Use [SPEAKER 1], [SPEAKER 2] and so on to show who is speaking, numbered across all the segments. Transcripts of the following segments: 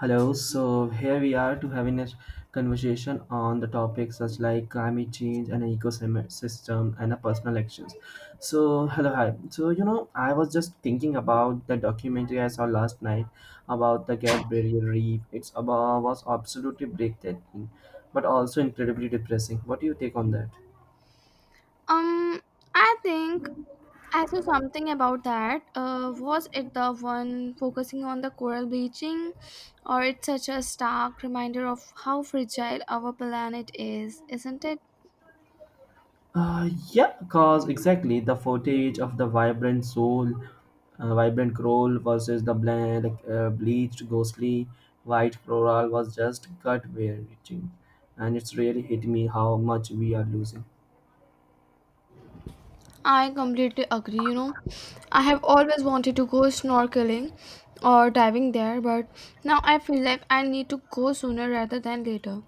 [SPEAKER 1] Hello, so here we are to having a conversation on the topics such like climate change and an ecosystem and a personal actions. So hello, hi. So you know, I was just thinking about the documentary I saw last night about the Great Barrier Reef. It's about was absolutely breathtaking, but also incredibly depressing. What do you take on that?
[SPEAKER 2] Um, I think I saw something about that. Was it the one focusing on the coral bleaching, or it's such a stark reminder of how fragile our planet is, isn't it?
[SPEAKER 1] Yeah, cause exactly the footage of the vibrant soul, vibrant coral versus the bland, like, bleached, ghostly white coral was just gut wrenching, and it's really hit me how much we are losing.
[SPEAKER 2] I completely agree. You know, I have always wanted to go snorkeling or diving there, but now I feel like I need to go sooner rather than later.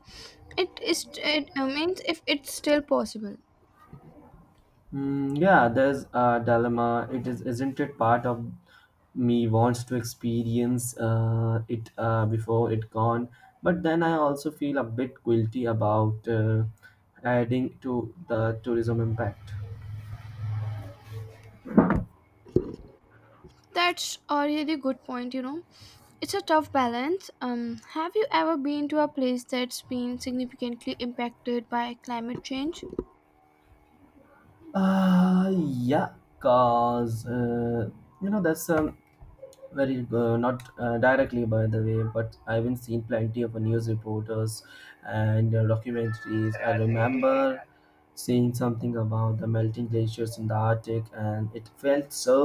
[SPEAKER 2] It is. It means if it's still possible.
[SPEAKER 1] Mm, yeah, there's a dilemma. It is, isn't it part of me wants to experience it before it gone, but then I also feel a bit guilty about adding to the tourism impact.
[SPEAKER 2] That's a really good point, you know. It's a tough balance. Have you ever been to a place that's been significantly impacted by climate change?
[SPEAKER 1] Yeah, cause you know that's very not directly by the way, but I've been seen plenty of news reporters and documentaries. I remember seeing something about the melting glaciers in the Arctic, and it felt so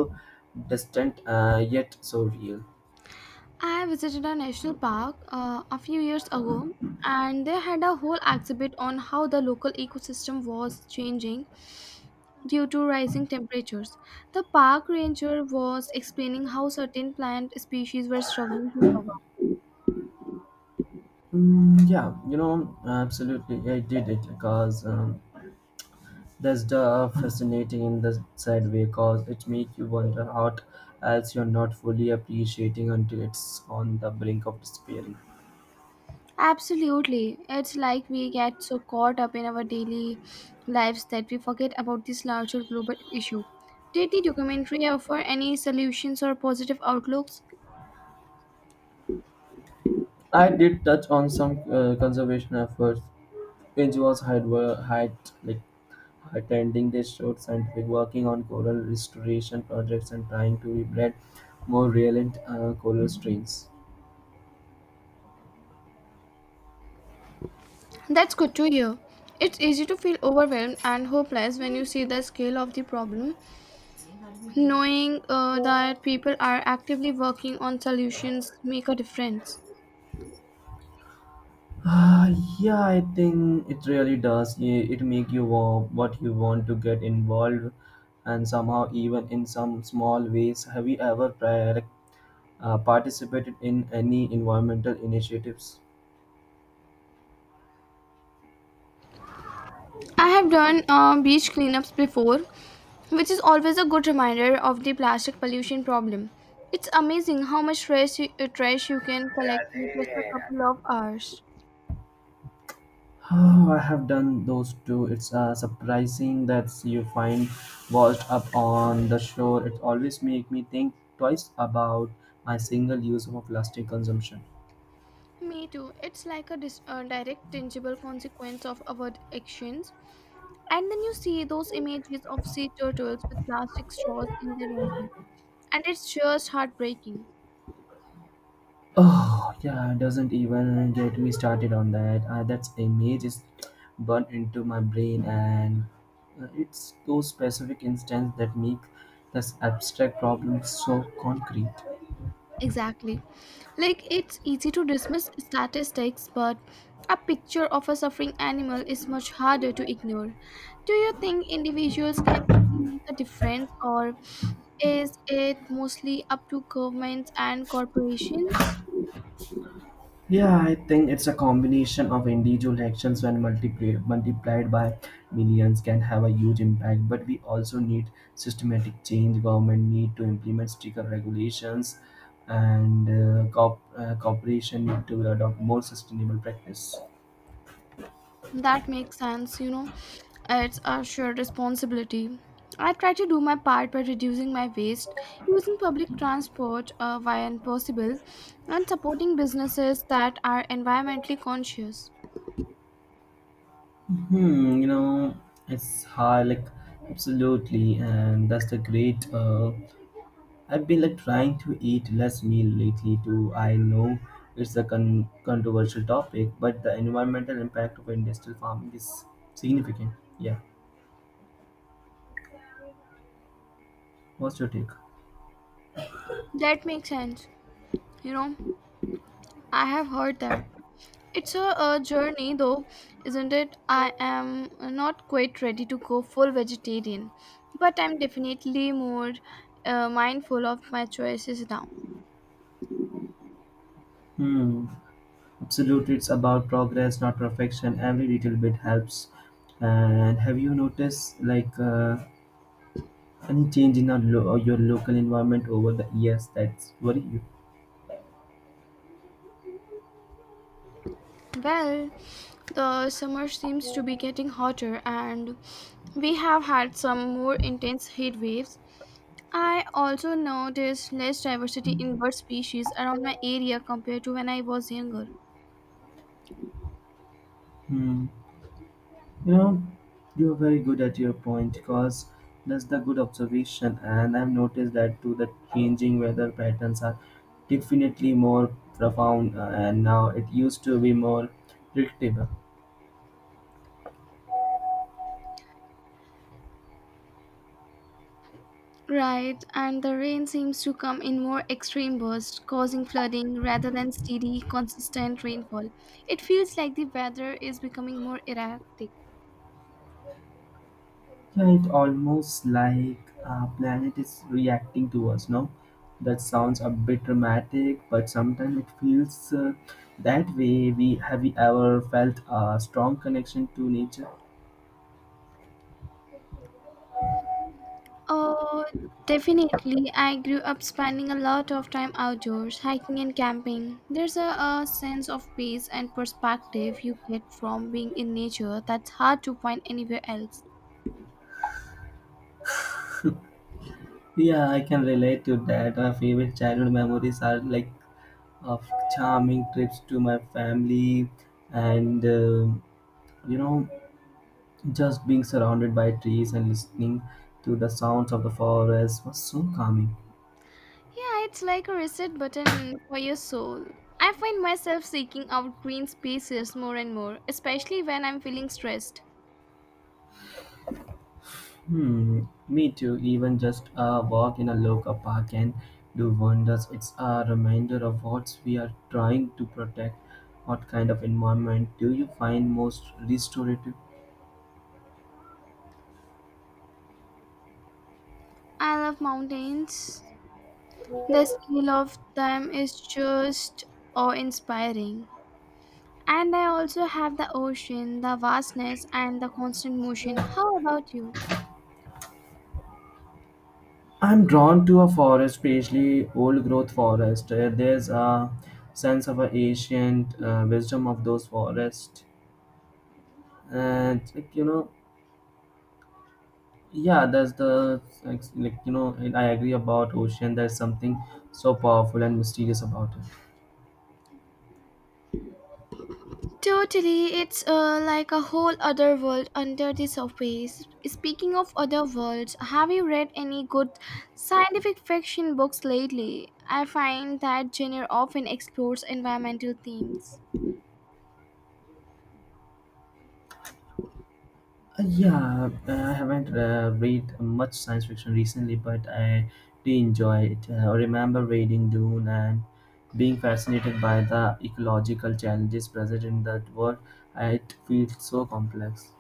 [SPEAKER 1] distant yet so real.
[SPEAKER 2] I visited a national park a few years ago, and they had a whole exhibit on how the local ecosystem was changing due to rising temperatures. The park ranger was explaining how certain plant species were struggling to survive.
[SPEAKER 1] Mm, yeah, you know, absolutely, I did it because that's the fascinating in the sad way cause it makes you wonder what else you're not fully appreciating until it's on the brink of despairing.
[SPEAKER 2] Absolutely. It's like we get so caught up in our daily lives that we forget about this larger global issue. Did the documentary offer any solutions or positive outlooks?
[SPEAKER 1] I did touch on some conservation efforts. NGOs had were had like attending this short scientific working on coral restoration projects and trying to rebrand more relevant coral strains.
[SPEAKER 2] That's good to hear. It's easy to feel overwhelmed and hopeless when you see the scale of the problem. Knowing that people are actively working on solutions make a difference.
[SPEAKER 1] Ah, yeah, I think it really does. It make you what you want to get involved, and somehow even in some small ways. Have you ever participated in any environmental initiatives?
[SPEAKER 2] I have done beach cleanups before, which is always a good reminder of the plastic pollution problem. It's amazing how much trash you can collect in just a couple of hours.
[SPEAKER 1] Oh, I have done those too. It's surprising that you find washed up on the shore. It always make me think twice about my single use of plastic consumption.
[SPEAKER 2] Me too. It's like a direct, tangible consequence of our actions. And then you see those images of sea turtles with plastic straws in their noses, and it's just heartbreaking.
[SPEAKER 1] Oh, yeah, doesn't even get me started on that. That image is burnt into my brain, and it's those specific instances that make this abstract problem so concrete.
[SPEAKER 2] Exactly. Like it's easy to dismiss statistics, but a picture of a suffering animal is much harder to ignore. Do you think individuals can really make a difference, or is it mostly up to governments and corporations?
[SPEAKER 1] Yeah, I think it's a combination of individual actions when multiplied by millions can have a huge impact. But we also need systematic change. Government need to implement stricter regulations, and corporation need to adopt more sustainable practice.
[SPEAKER 2] That makes sense, you know. It's a shared responsibility. I try to do my part by reducing my waste, using public transport when possible, and supporting businesses that are environmentally conscious.
[SPEAKER 1] Hmm, you know, it's hard, like absolutely, and that's the great. I've been like trying to eat less meat lately too. I know it's a controversial topic, but the environmental impact of industrial farming is significant. Yeah. What's your take?
[SPEAKER 2] That makes sense, you know. I have heard that. It's a journey, though, isn't it? I am not quite ready to go full vegetarian, but I'm definitely more mindful of my choices now.
[SPEAKER 1] Hmm. Absolutely, it's about progress, not perfection. Every little bit helps. And have you noticed like any change in our your local environment over the years that's worry you?
[SPEAKER 2] Well, the summer seems to be getting hotter and we have had some more intense heat waves. I also noticed less diversity in bird species around my area compared to when I was younger.
[SPEAKER 1] Hmm. You know, you're very good at your point because that's the good observation, and I've noticed that too. The changing weather patterns are definitely more profound, and now it used to be more predictable.
[SPEAKER 2] Right, and the rain seems to come in more extreme bursts, causing flooding rather than steady, consistent rainfall. It feels like the weather is becoming more erratic.
[SPEAKER 1] Yeah, it almost like our planet is reacting to us. No, that sounds a bit dramatic, but sometimes it feels that way. We ever felt a strong connection to nature?
[SPEAKER 2] Oh, definitely. I grew up spending a lot of time outdoors, hiking and camping. There's a sense of peace and perspective you get from being in nature that's hard to find anywhere else.
[SPEAKER 1] Yeah, I can relate to that. My favorite childhood memories are like of charming trips to my family and you know just being surrounded by trees and listening to the sounds of the forest was so calming.
[SPEAKER 2] Yeah, it's like a reset button for your soul. I find myself seeking out green spaces more and more, especially when I'm feeling stressed.
[SPEAKER 1] Hmm, me too. Even just a walk in a local park can do wonders. It's a reminder of what we are trying to protect. What kind of environment do you find most restorative?
[SPEAKER 2] I love mountains. The scale of them is just awe inspiring. And I also have the ocean, the vastness, and the constant motion. How about you?
[SPEAKER 1] I'm drawn to a forest, especially old growth forest. There's a sense of a ancient wisdom of those forests, and like, you know, yeah, that's the like you know, and I agree about ocean. There's something so powerful and mysterious about it.
[SPEAKER 2] Totally, it's like a whole other world under the surface. Speaking of other worlds, have you read any good scientific fiction books lately? I find that genre often explores environmental themes.
[SPEAKER 1] Yeah, I haven't read much science fiction recently, but I do enjoy it. I remember reading Dune and being fascinated by the ecological challenges present in that world. It feels so complex.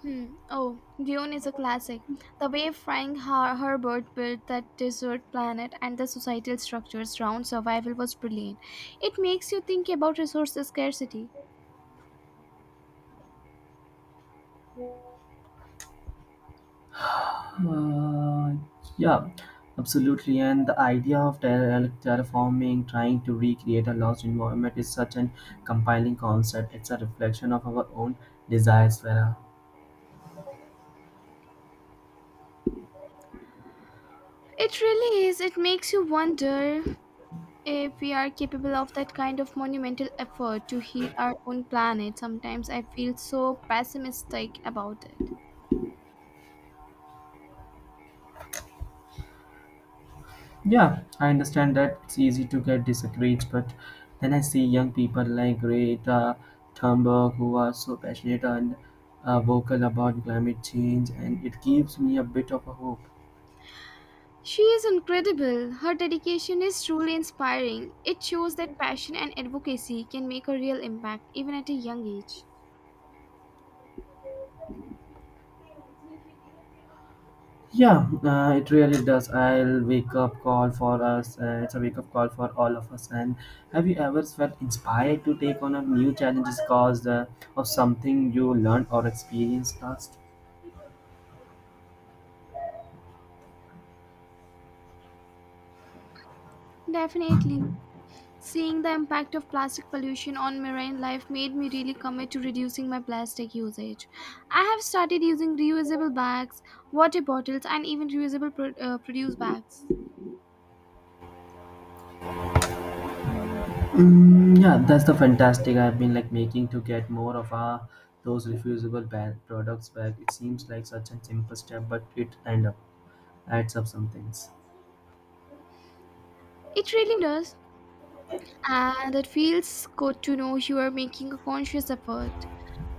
[SPEAKER 2] Hmm. Oh, Dune is a classic. The way Herbert built that desert planet and the societal structures around survival was brilliant. It makes you think about resource scarcity.
[SPEAKER 1] Uh, yeah, absolutely. And the idea of terraforming, trying to recreate a lost environment, is such an compelling concept. It's a reflection of our own desires, Vera.
[SPEAKER 2] It really is. It makes you wonder if we are capable of that kind of monumental effort to heal our own planet. Sometimes I feel so pessimistic about it.
[SPEAKER 1] Yeah, I understand that it's easy to get discouraged, but then I see young people like Greta Thunberg who are so passionate and vocal about climate change, and it gives me a bit of a hope.
[SPEAKER 2] She is incredible. Her dedication is truly inspiring. It shows that passion and advocacy can make a real impact even at a young age.
[SPEAKER 1] Yeah, it really does. I'll wake up call for us. It's a wake up call for all of us. And have you ever felt inspired to take on a new challenges caused of something you learned or experienced last?
[SPEAKER 2] Definitely. Seeing the impact of plastic pollution on marine life made me really commit to reducing my plastic usage. I have started using reusable bags, water bottles, and even reusable produce bags.
[SPEAKER 1] Mm, yeah, that's the fantastic I've been like making to get more of our those refusable bad products back. It seems like such a simple step, but it end up adds up some things.
[SPEAKER 2] It really does, and it feels good to know you are making a conscious effort.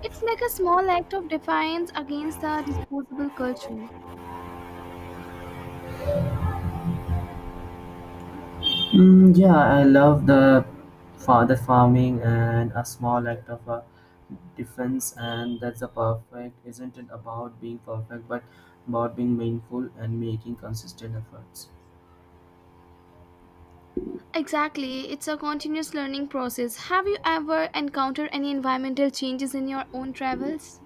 [SPEAKER 2] It's like a small act of defiance against the disposable culture.
[SPEAKER 1] Mm, yeah, I love the father farming and a small act of a defense, and that's a perfect. Isn't it about being perfect, but about being mindful and making consistent efforts?
[SPEAKER 2] Exactly, it's a continuous learning process. Have you ever encountered any environmental changes in your own travels?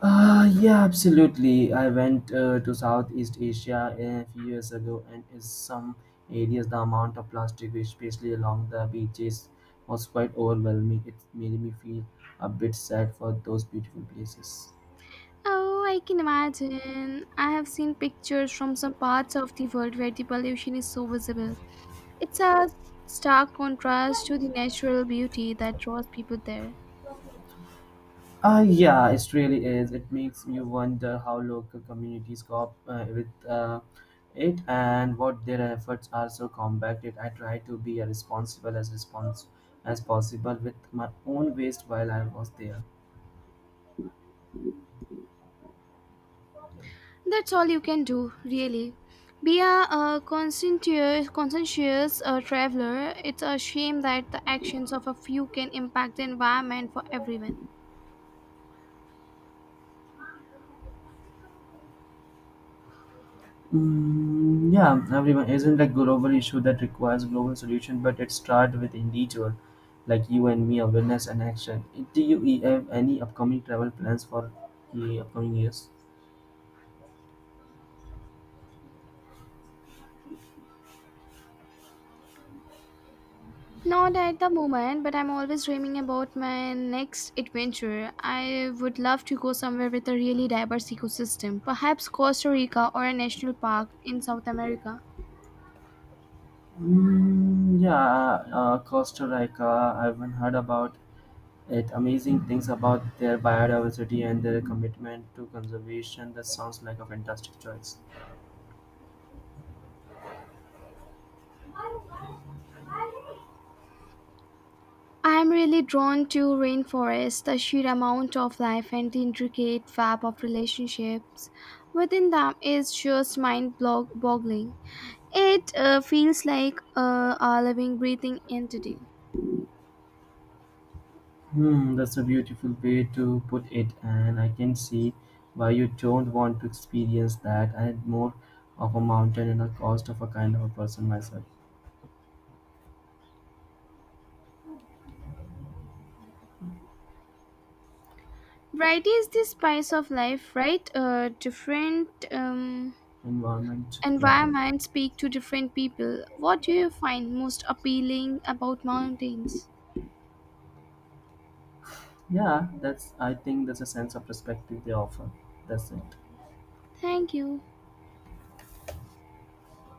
[SPEAKER 1] Yeah, absolutely. I went to Southeast Asia a few years ago, and in some areas, the amount of plastic, especially along the beaches, was quite overwhelming. It made me feel a bit sad for those beautiful places.
[SPEAKER 2] Oh, I can imagine. I have seen pictures from some parts of the world where the pollution is so visible. It's a stark contrast to the natural beauty that draws people there.
[SPEAKER 1] Yeah, it really is. It makes you wonder how local communities cope with it and what their efforts are so combated. I try to be as response as possible with my own waste while I was there.
[SPEAKER 2] That's all you can do, really. Be conscientious, traveler. It's a shame that the actions of a few can impact the environment for everyone.
[SPEAKER 1] Mm, yeah, everyone isn't a global issue that requires global solution, but it starts with individual, like you and me, awareness and action. Do you have any upcoming travel plans for the upcoming years?
[SPEAKER 2] Not at the moment, but I'm always dreaming about my next adventure. I would love to go somewhere with a really diverse ecosystem, perhaps Costa Rica or a national park in South America.
[SPEAKER 1] Mm, yeah, Costa Rica. I've heard about it. Amazing things about their biodiversity and their commitment to conservation. That sounds like a fantastic choice.
[SPEAKER 2] I'm really drawn to rainforests, the sheer amount of life and the intricate web of relationships within them is just mind boggling. It feels like a living, breathing entity.
[SPEAKER 1] Hmm, that's a beautiful way to put it, and I can see why you don't want to experience that. I'm more of a mountain and a cost of a kind of a person myself.
[SPEAKER 2] Variety is the spice of life, right? Different
[SPEAKER 1] Environment, yeah,
[SPEAKER 2] environments speak to different people. What do you find most appealing about mountains?
[SPEAKER 1] yeah. That's I think that's a sense of perspective they offer. That's it.
[SPEAKER 2] Thank you.